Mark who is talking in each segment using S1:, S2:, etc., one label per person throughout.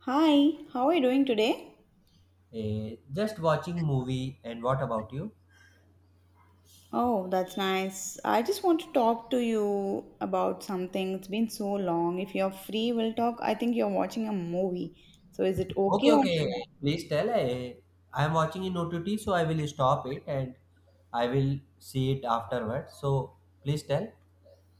S1: Hi, how are you doing today?
S2: Just watching movie. And what about you?
S1: Oh, that's nice. I just want to talk to you about something. It's been so long. If you're free, we'll talk. I think you're watching a movie. So is it
S2: Okay,
S1: okay or
S2: okay.
S1: should I?
S2: Please tell. I am watching in OTT, so I will stop it and I will see it afterwards. So please tell.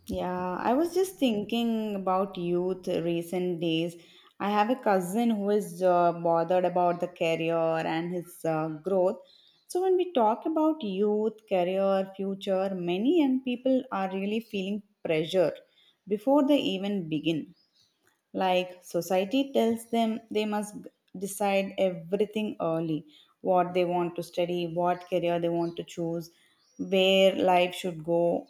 S1: Yeah, I was just thinking about youth recent days. I have a cousin who is bothered about the career and his growth. So when we talk about youth, career, future, many young people are really feeling pressure before they even begin. Like society tells them they must decide everything early, what they want to study, what career they want to choose, where life should go.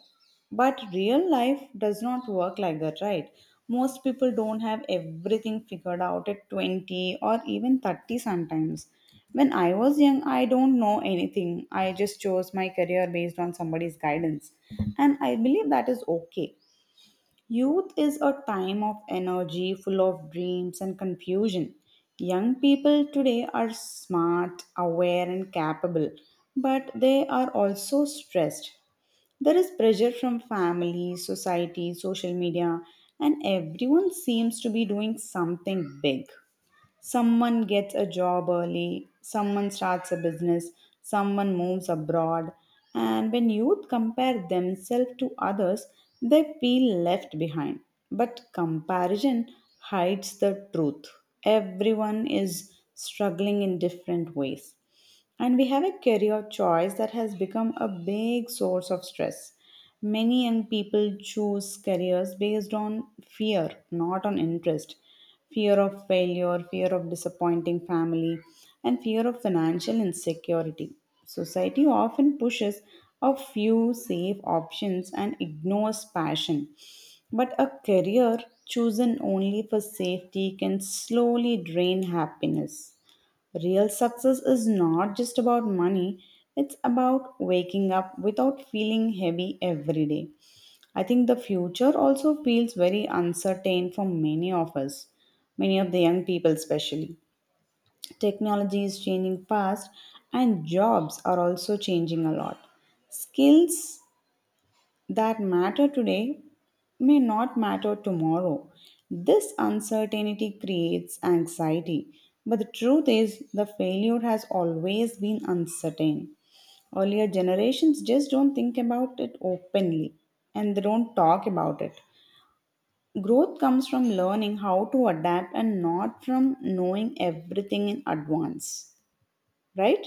S1: But real life does not work like that, right? Most people don't have everything figured out at 20 or even 30 sometimes. When I was young, I don't know anything. I just chose my career based on somebody's guidance. And I believe that is okay. Youth is a time of energy, full of dreams and confusion. Young people today are smart, aware, and capable, but they are also stressed. There is pressure from family, society, social media, and everyone seems to be doing something big. Someone gets a job early, someone starts a business, someone moves abroad, and when youth compare themselves to others, they feel left behind. But comparison hides the truth. Everyone is struggling in different ways. And we have a career choice that has become a big source of stress. Many young people choose careers based on fear, not on interest. Fear of failure, fear of disappointing family, and fear of financial insecurity. Society often pushes a few safe options and ignores passion. But a career chosen only for safety can slowly drain happiness. Real success is not just about money, it's about waking up without feeling heavy every day. I think the future also feels very uncertain for many of us, many of the young people, especially. Technology is changing fast, and jobs are also changing a lot. Skills that matter today may not matter tomorrow. This uncertainty creates anxiety, but the truth is, the failure has always been uncertain. Earlier generations just don't think about it openly and they don't talk about it. Growth comes from learning how to adapt and not from knowing everything in advance, right?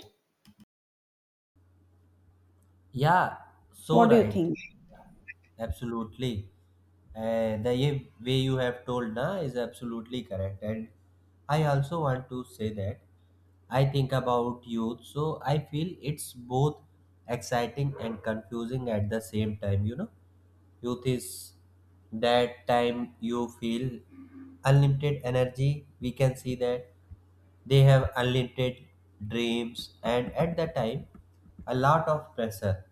S2: Yeah, so
S1: What do you
S2: right.
S1: think?
S2: Absolutely. The way you have told na is absolutely correct. And I also want to say that I think about youth, so I feel it's both exciting and confusing at the same time, you know. Youth is that time you feel unlimited energy. We can see that they have unlimited dreams, and at that time, a lot of pressure.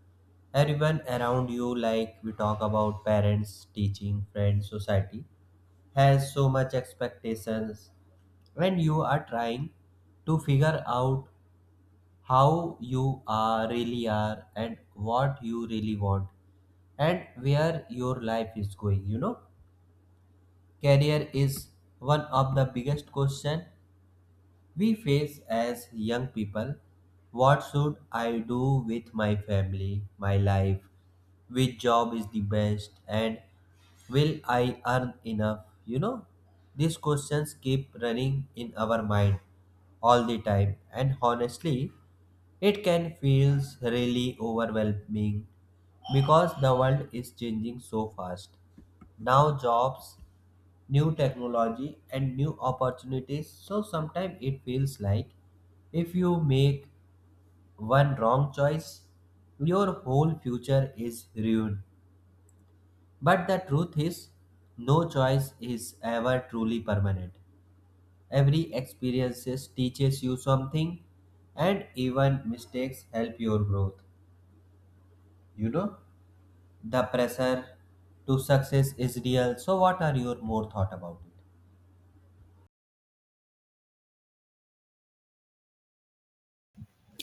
S2: Everyone around you, like we talk about parents, teaching, friends, society, has so much expectations when you are trying to figure out how you are really are and what you really want and where your life is going. Career is one of the biggest question we face as young people. What should I do with my family, my life, which job is the best, and will I earn enough? You know, these questions keep running in our mind all the time, and honestly, it can feel really overwhelming because the world is changing so fast. Now, jobs, new technology and new opportunities, so sometimes it feels like if you make one wrong choice your whole future is ruined. But the truth is no choice is ever truly permanent. Every experiences teaches you something, and even mistakes help your growth, you know. The pressure to success is real, so what are your more thought about it?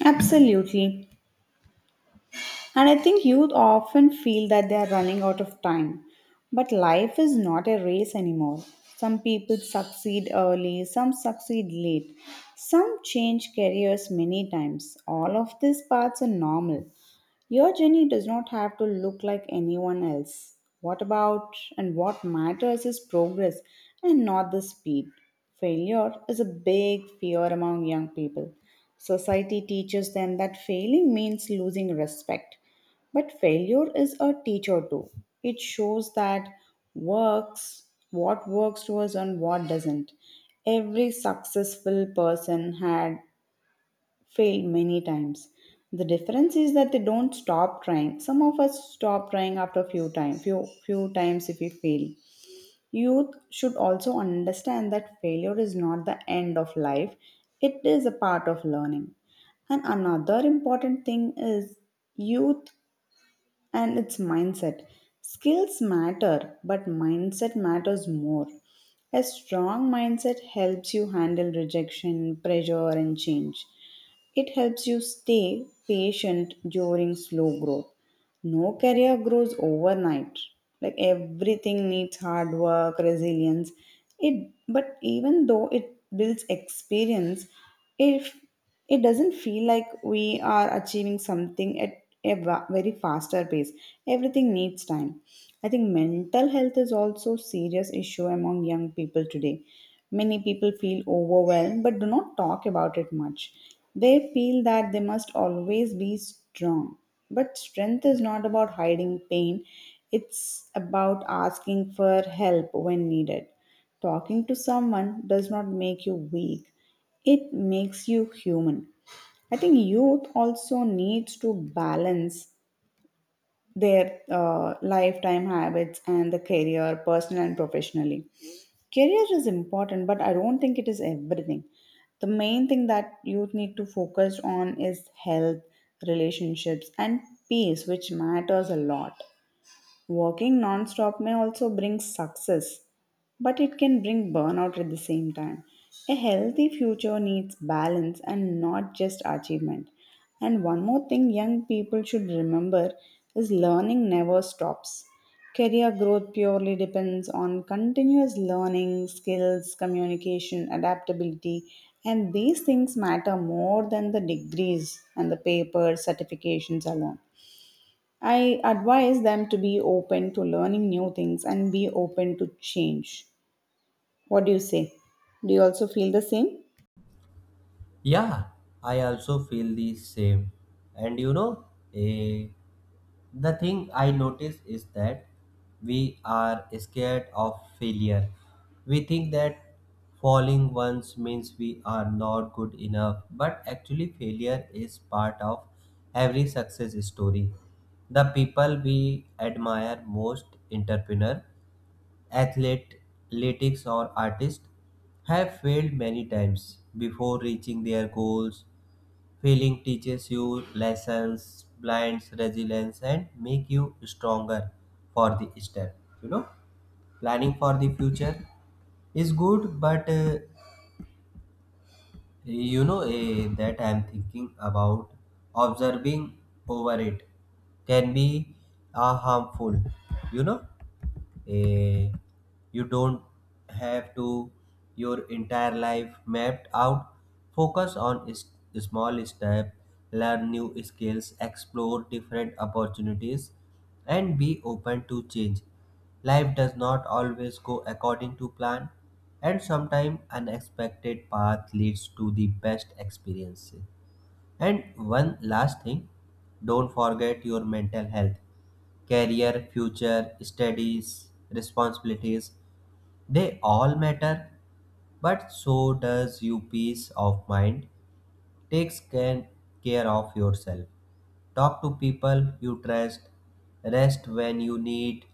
S1: Absolutely. And I think youth often feel that they are running out of time. But life is not a race anymore. Some people succeed early, some succeed late, some change careers many times. All of these paths are normal. Your journey does not have to look like anyone else. What about and what matters is progress and not the speed. Failure is a big fear among young people. Society teaches them that failing means losing respect. But failure is a teacher too. It shows that works what works to us and what doesn't. Every successful person had failed many times. The difference is that they don't stop trying. Some of us stop trying after few time few times if we fail. Youth should also understand that failure is not the end of life. It is a part of learning. And another important thing is youth and its mindset. Skills matter, but mindset matters more. A strong mindset helps you handle rejection, pressure, and change. It helps you stay patient during slow growth. No career grows overnight. Like everything needs hard work, resilience. It but even though it builds experience, if it doesn't feel like we are achieving something at a very faster pace. Everything needs time. I think mental health is also serious issue among young people today. Many people feel overwhelmed but do not talk about it much. They feel that they must always be strong. But strength is not about hiding pain, it's about asking for help when needed. Talking to someone does not make you weak, it makes you human. I think youth also needs to balance their lifetime habits and the career, personal and professionally. Career is important, but I don't think it is everything. The main thing that youth need to focus on is health, relationships, and peace, which matters a lot. Working non-stop may also bring success, but it can bring burnout at the same time. A healthy future needs balance and not just achievement. And one more thing young people should remember is learning never stops. Career growth purely depends on continuous learning, skills, communication, adaptability, and these things matter more than the degrees and the papers, certifications alone. I advise them to be open to learning new things and be open to change. What do you say? Do you also feel the same?
S2: Yeah, I also feel the same. And you know, eh, the thing I notice is that we are scared of failure. We think that falling once means we are not good enough, but actually, failure is part of every success story. The people we admire most, entrepreneur, athlete, athletics or artists, have failed many times before reaching their goals. Failing teaches you lessons, blinds resilience, and make you stronger for the step. You know, planning for the future is good, but you know, that I'm thinking about observing over it can be harmful. You know, eh, you don't have to your entire life mapped out. Focus on is, small step, learn new skills, explore different opportunities, and be open to change. Life does not always go according to plan, and sometimes unexpected path leads to the best experiences. And one last thing, don't forget your mental health, career, future, studies, responsibilities. They all matter, but so does your peace of mind. Take can- Care of yourself. Talk to people you trust, rest when you need,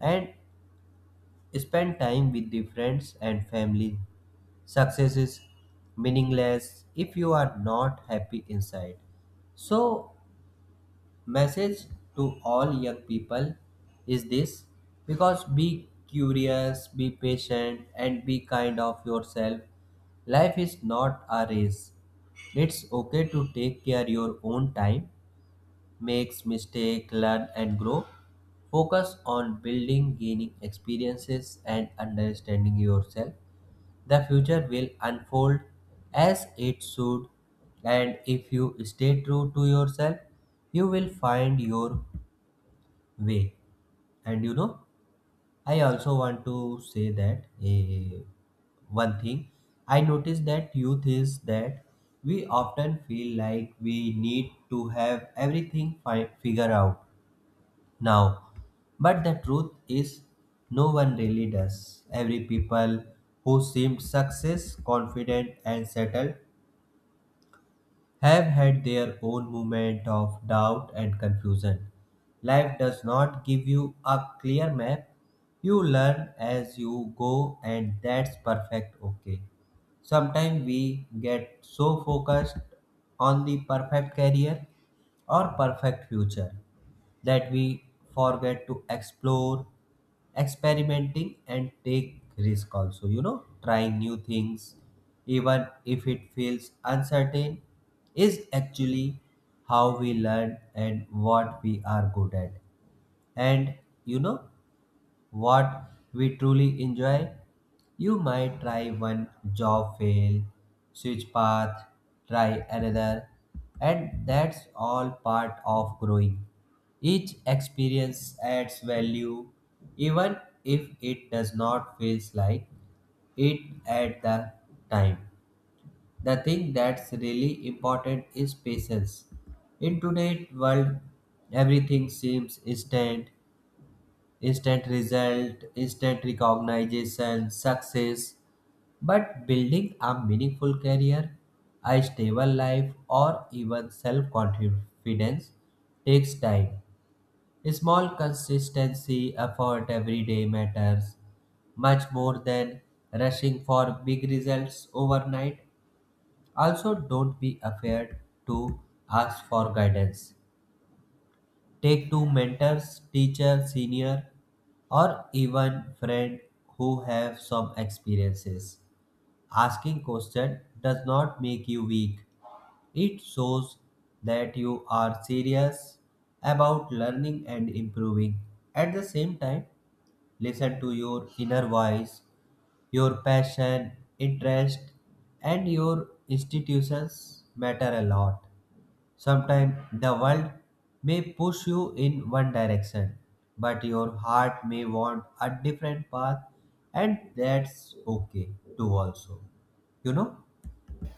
S2: and spend time with the friends and family. Success is meaningless if you are not happy inside. So, message to all young people is this, because be curious, be patient, and be kind of yourself. Life is not a race. It's okay to take care your own time, makes mistake, learn and grow. Focus on building, gaining experiences and understanding yourself. The future will unfold as it should, and if you stay true to yourself, you will find your way. And you know, I also want to say that one thing I noticed that youth is that we often feel like we need to have everything figured out now. But the truth is no one really does. Every people who seemed success, confident and settled, have had their own moment of doubt and confusion. Life does not give you a clear map. You learn as you go, and that's perfect okay. Sometimes we get so focused on the perfect career or perfect future that we forget to explore, experimenting and take risk also. You know, trying new things even if it feels uncertain is actually how we learn and what we are good at, and you know what we truly enjoy. You might try one job, fail, switch path, try another, and that's all part of growing. Each experience adds value, even if it does not feel like it at the time. The thing that's really important is patience. In today's world, everything seems instant, instant result, instant recognition, success. But building a meaningful career, a stable life, or even self confidence takes time. Small consistency effort every day matters much more than rushing for big results overnight. Also, don't be afraid to ask for guidance. Take to mentors, teacher, senior, or even friend who have some experiences. Asking question does not make you weak. It shows that you are serious about learning and improving. At the same time, listen to your inner voice, your passion, interest, and your institutions matter a lot. Sometimes the world may push you in one direction, but your heart may want a different path, and that's okay too, also. You know?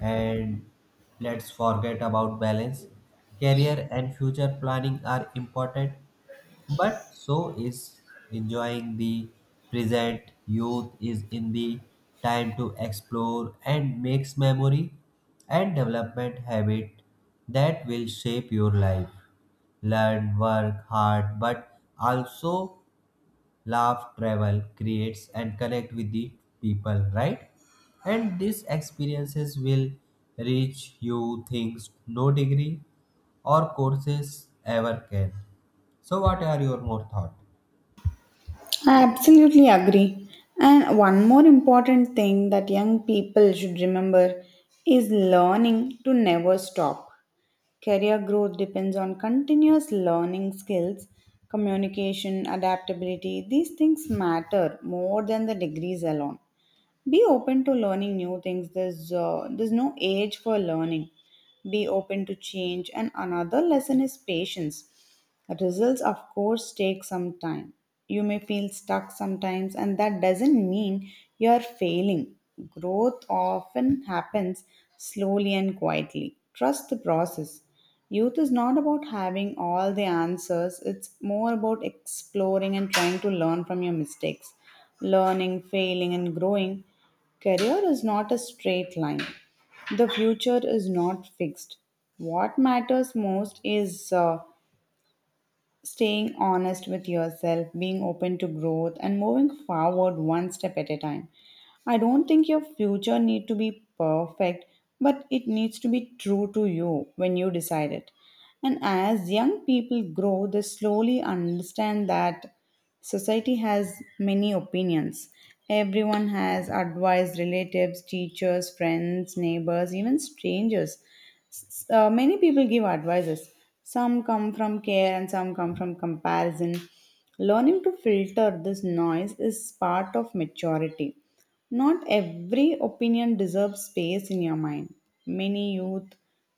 S2: And let's forget about balance. Career and future planning are important, but so is enjoying the present. Youth is in the time to explore and makes memory and development habit that will shape your life. Learn, work hard but also laugh, travel, creates, and connect with the people, right? And these experiences will reach you things no degree or courses ever can. So, what are your more thoughts?
S1: I absolutely agree. And one more important thing that young people should remember is learning to never stop. Career growth depends on continuous learning skills, communication, adaptability. These things matter more than the degrees alone. Be open to learning new things. There's no age for learning. Be open to change. And another lesson is patience. Results, of course, take some time. You may feel stuck sometimes, and that doesn't mean you're failing. Growth often happens slowly and quietly. Trust the process. Youth is not about having all the answers, it's more about exploring and trying to learn from your mistakes. Learning, failing, and growing. Career is not a straight line. The future is not fixed. What matters most is staying honest with yourself, being open to growth, and moving forward one step at a time. I don't think your future need to be perfect, but it needs to be true to you when you decide it. And as young people grow, they slowly understand that society has many opinions. Everyone has advice, relatives, teachers, friends, neighbors, even strangers, many people give advices. Some come from care and some come from comparison. Learning to filter this noise is part of maturity. Not every opinion deserves space in your mind. Many youth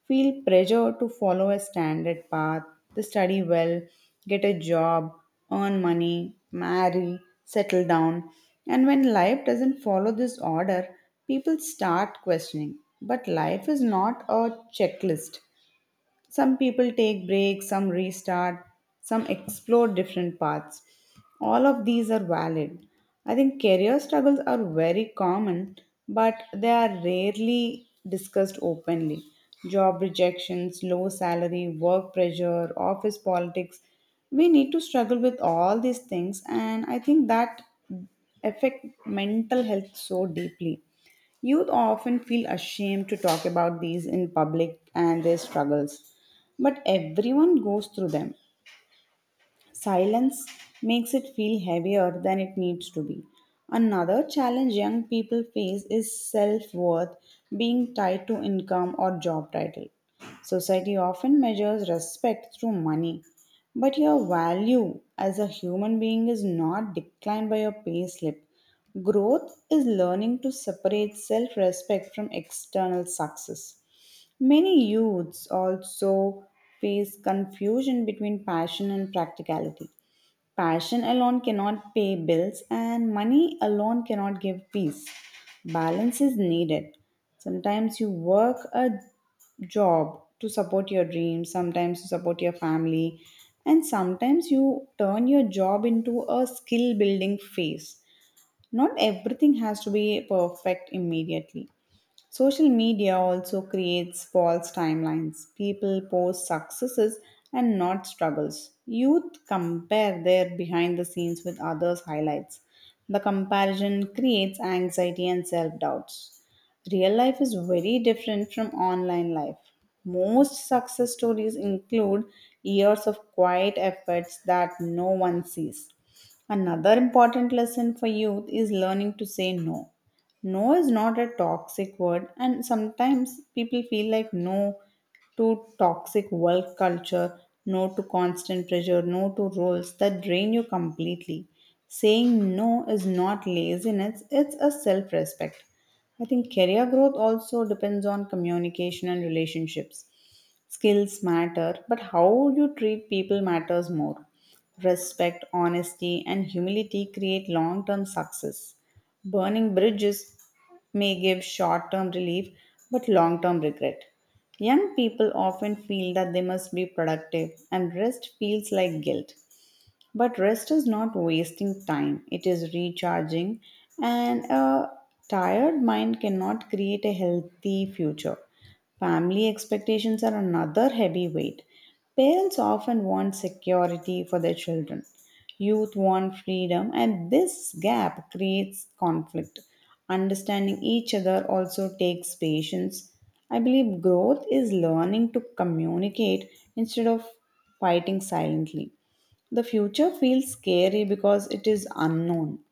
S1: feel pressure to follow a standard path, to study well, get a job, earn money, marry, settle down. And when life doesn't follow this order, people start questioning, but life is not a checklist. Some people take breaks, some restart, some explore different paths. All of these are valid. I think career struggles are very common, but they are rarely discussed openly. Job rejections, low salary, work pressure, office politics. We need to struggle with all these things, and I think that affect mental health so deeply. Youth often feel ashamed to talk about these in public and their struggles, but everyone goes through them. Silence makes it feel heavier than it needs to be. Another challenge young people face is self worth being tied to income or job title. Society often measures respect through money, but your value as a human being is not declined by your pay slip. Growth is learning to separate self respect from external success. Many youths also face confusion between passion and practicality. Passion alone cannot pay bills, and money alone cannot give peace. Balance is needed. Sometimes you work a job to support your dreams, sometimes to support your family, and sometimes you turn your job into a skill building phase. Not everything has to be perfect immediately. Social media also creates false timelines. People post successes and not struggles. Youth compare their behind the scenes with others' highlights. The comparison creates anxiety and self doubts. Real life is very different from online life. Most success stories include years of quiet efforts that no one sees. Another important lesson for youth is learning to say no. No is not a toxic word, and sometimes people feel like no to toxic work culture, no to constant pressure, no to roles that drain you completely. Saying no is not laziness, it's a self-respect. I think career growth also depends on communication and relationships. Skills matter, but how you treat people matters more. Respect, honesty, and humility create long term success. Burning bridges may give short term relief but long term regret. Young people often feel that they must be productive, and rest feels like guilt. But rest is not wasting time, it is recharging, and a tired mind cannot create a healthy future. Family expectations are another heavy weight. Parents often want security for their children. Youth want freedom, and this gap creates conflict. Understanding each other also takes patience. I believe growth is learning to communicate instead of fighting silently. The future feels scary because it is unknown.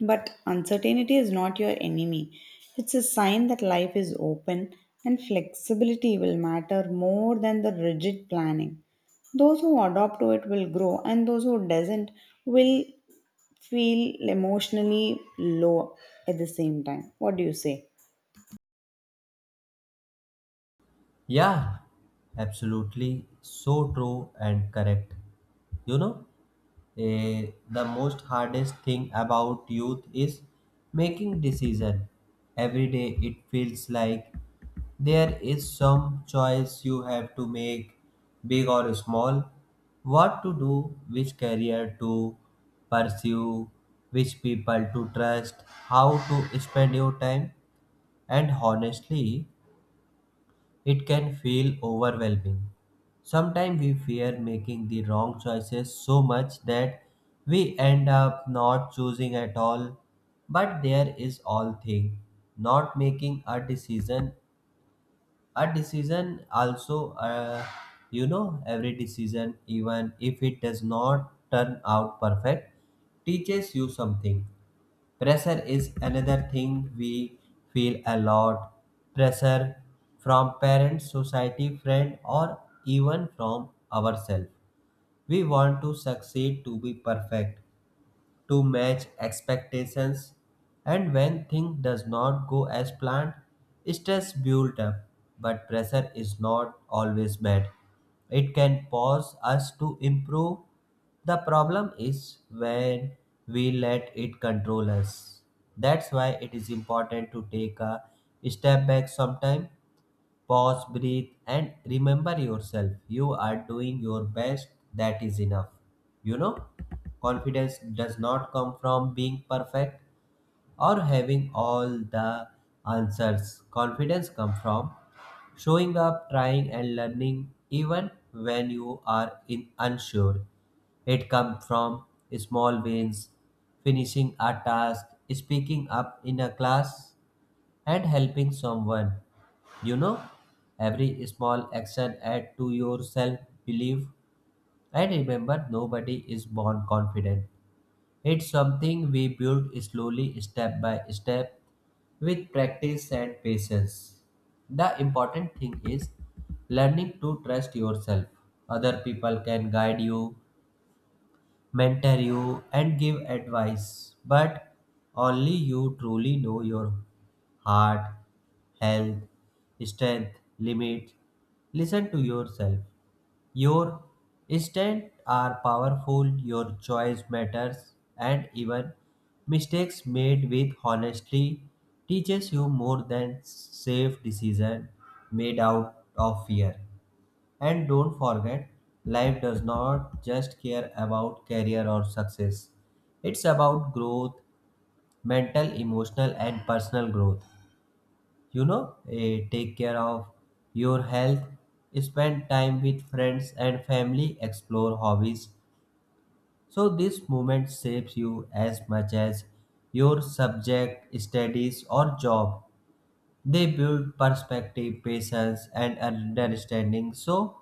S1: But uncertainty is not your enemy. It's a sign that life is open and flexibility will matter more than the rigid planning. Those who adopt to it will grow and those who doesn't will feel emotionally low at the same time. What do you say?
S2: Yeah, absolutely. So true and correct. You know, the most hardest thing about youth is making decision. Every day it feels like there is some choice you have to make, big or small. What to do, which career to pursue, which people to trust, how to spend your time, and honestly, it can feel overwhelming. Sometimes we fear making the wrong choices so much that we end up not choosing at all. But there is all thing, not making a decision. A decision also, you know, every decision, even if it does not turn out perfect, teaches you something. Pressure is another thing we feel a lot. Pressure from parents, society, friend, or even from ourselves. We want to succeed, to be perfect, to match expectations, and when things does not go as planned, stress builds up, but pressure is not always met. It can pause us to improve. The problem is when we let it control us. That's why it is important to take a step back sometime. Pause, breathe, and remember yourself. You are doing your best. That is enough. You know, confidence does not come from being perfect or having all the answers. Confidence comes from showing up, trying, and learning even when you are in unsure. It comes from small wins, finishing a task, speaking up in a class, and helping someone. You know, every small action add to your self belief. And remember, nobody is born confident. It's something we build slowly, step by step, with practice and patience. The important thing is learning to trust yourself. Other people can guide you, mentor you, and give advice. But only you truly know your heart, health, strength, limit. Listen to yourself. Your strengths are powerful, your choice matters, and even mistakes made with honesty teaches you more than safe decision made out of fear. And don't forget, life does not just care about career or success. It's about growth, mental, emotional, and personal growth. You know, take care of your health, spend time with friends and family, explore hobbies. So, this moment shapes you as much as your subject, studies, or job. They build perspective, patience, and understanding. So,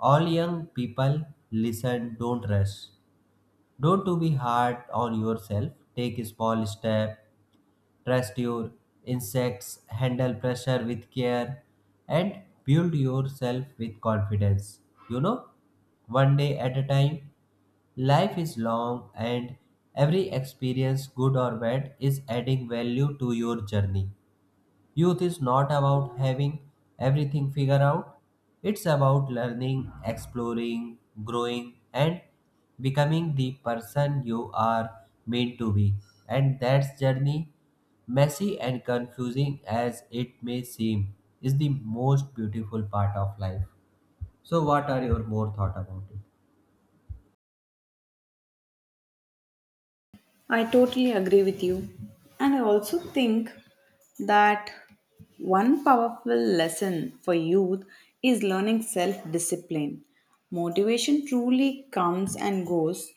S2: all young people, listen, don't rush. Don't to be hard on yourself. Take a small step, trust your instincts, handle pressure with care, and build yourself with confidence. You know, one day at a time, life is long and every experience, good or bad, is adding value to your journey. Youth is not about having everything figured out. It's about learning, exploring, growing, and becoming the person you are meant to be. And that journey, messy and confusing as it may seem, is the most beautiful part of life. So, what are your more thought about it?
S1: I totally agree with you. And I also think that one powerful lesson for youth is learning self discipline. Motivation truly comes and goes,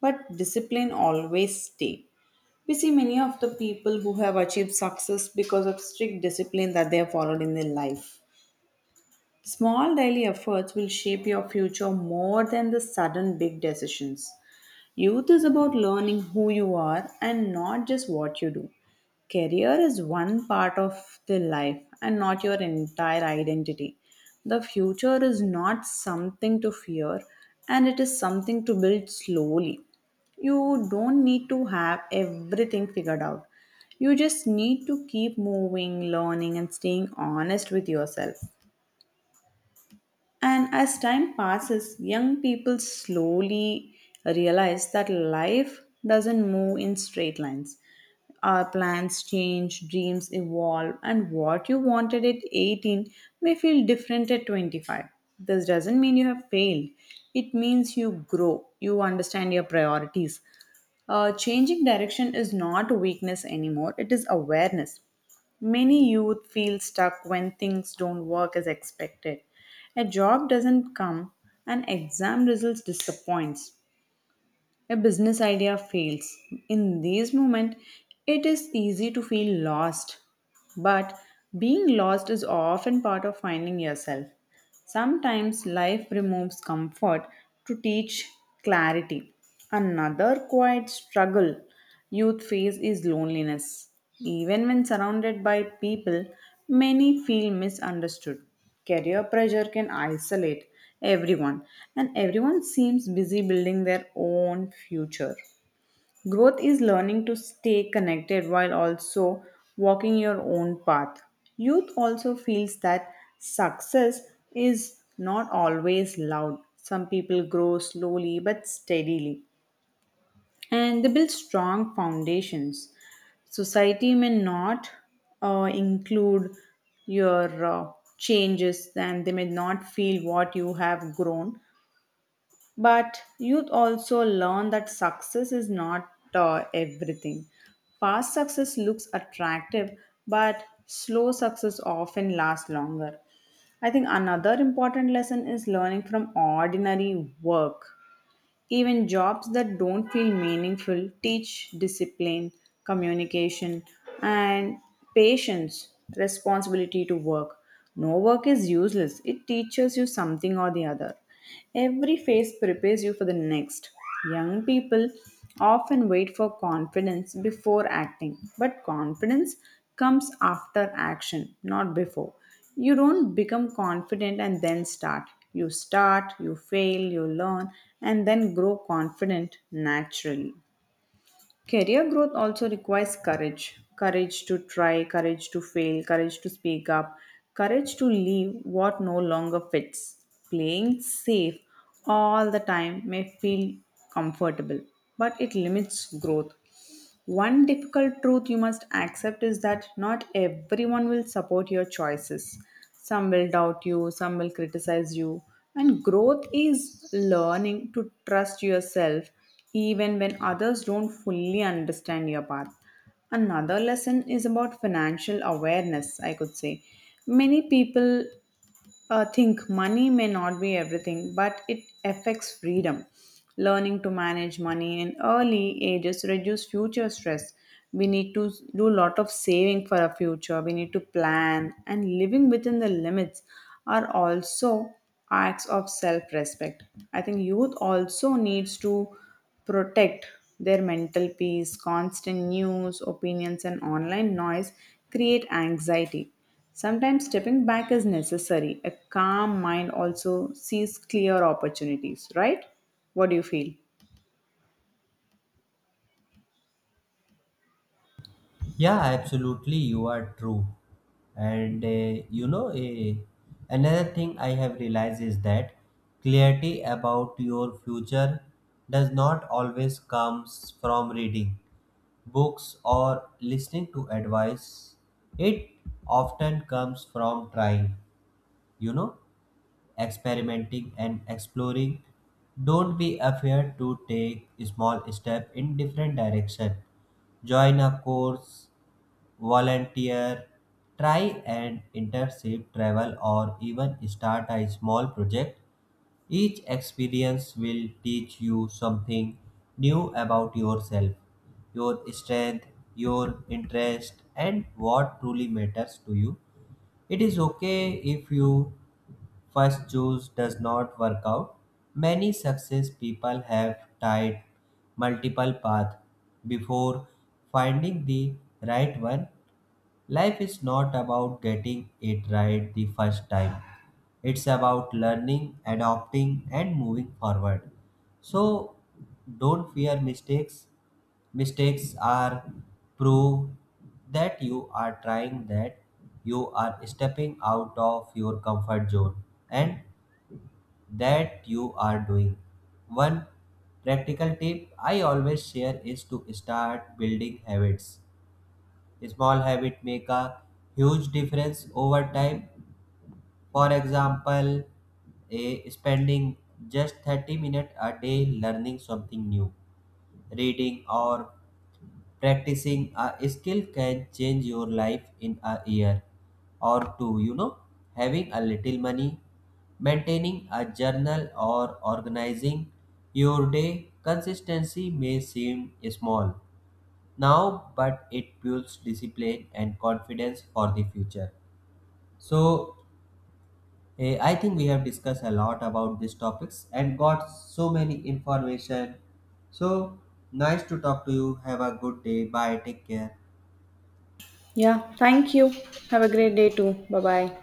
S1: but discipline always stays. We see many of the people who have achieved success because of strict discipline that they have followed in their life. Small daily efforts will shape your future more than the sudden big decisions. Youth is about learning who you are and not just what you do. Career is one part of the life and not your entire identity. The future is not something to fear and it is something to build slowly. You don't need to have everything figured out. You just need to keep moving, learning, and staying honest with yourself. And as time passes, young people slowly realize that life doesn't move in straight lines. Our plans change, dreams evolve, and what you wanted at 18 may feel different at 25. This doesn't mean you have failed, it means you grow, you understand your priorities. Changing direction is not a weakness anymore, it is awareness. Many youth feel stuck when things don't work as expected. A job doesn't come, an exam results disappoints, a business idea fails. In these moments, it is easy to feel lost. But being lost is often part of finding yourself. Sometimes life removes comfort to teach clarity. Another quiet struggle youth phase is loneliness. Even when surrounded by people, many feel misunderstood. Career pressure can isolate everyone, and everyone seems busy building their own future. Growth is learning to stay connected while also walking your own path. Youth also feels that success is not always loud. Some people grow slowly but steadily and they build strong foundations. Society may not include your changes, and they may not feel what you have grown. But youth also learn that success is not everything. Fast success looks attractive, but slow success often lasts longer. I think another important lesson is learning from ordinary work even jobs that don't feel meaningful teach discipline, communication, and patience, responsibility to work. No work is useless, it teaches you something or the other. Every phase prepares you for the next. Young people often wait for confidence before acting, but confidence comes after action, not before. You don't become confident and then start. You start, you fail, you learn, and then grow confident naturally. Career growth also requires courage courage to try, courage to fail, courage to speak up, courage to leave what no longer fits. Playing safe all the time may feel comfortable, but it limits growth. One difficult truth you must accept is that not everyone will support your choices. Some will doubt you, some will criticize you. And growth is learning to trust yourself even when others don't fully understand your path. Another lesson is about financial awareness, I could say. Many people I think money may not be everything, but it affects freedom. Learning to manage money in early ages reduce future stress. We need to do a lot of saving for our future. We need to plan and living within the limits are also acts of self-respect. I think youth also needs to protect their mental peace. Constant news, opinions, and online noise create anxiety. Sometimes stepping back is necessary. A calm mind also sees clear opportunities, right? What do you feel?
S2: Yeah, absolutely. You are true. And you know, another thing I have realized is that clarity about your future does not always comes from reading books or listening to advice. It often comes from trying, you know, experimenting and exploring. Don't be afraid to take small step in different direction, join a course, volunteer, try an internship, travel, or even start a small project. Each experience will teach you something new about yourself, your strength, your interest, and what truly matters to you. It is okay if you first choose does not work out. Many success people have tried multiple paths before finding the right one. Life is not about getting it right the first time. It's about learning, adopting, and moving forward. So don't fear mistakes. Mistakes are proof that you are trying, that you are stepping out of your comfort zone, and that you are doing. One practical tip I always share is to start building habits. Small habit make a huge difference over time. For example, a spending just 30 minutes a day learning something new, reading or practicing a skill can change your life in a year or two, you know, having a little money, maintaining a journal or organizing your day consistency may seem small now, but it builds discipline and confidence for the future. So, I think we have discussed a lot about these topics and got so many information. So, nice to talk to you. Have a good day. Bye. Take care.
S1: Yeah, thank you. Have a great day too. Bye bye.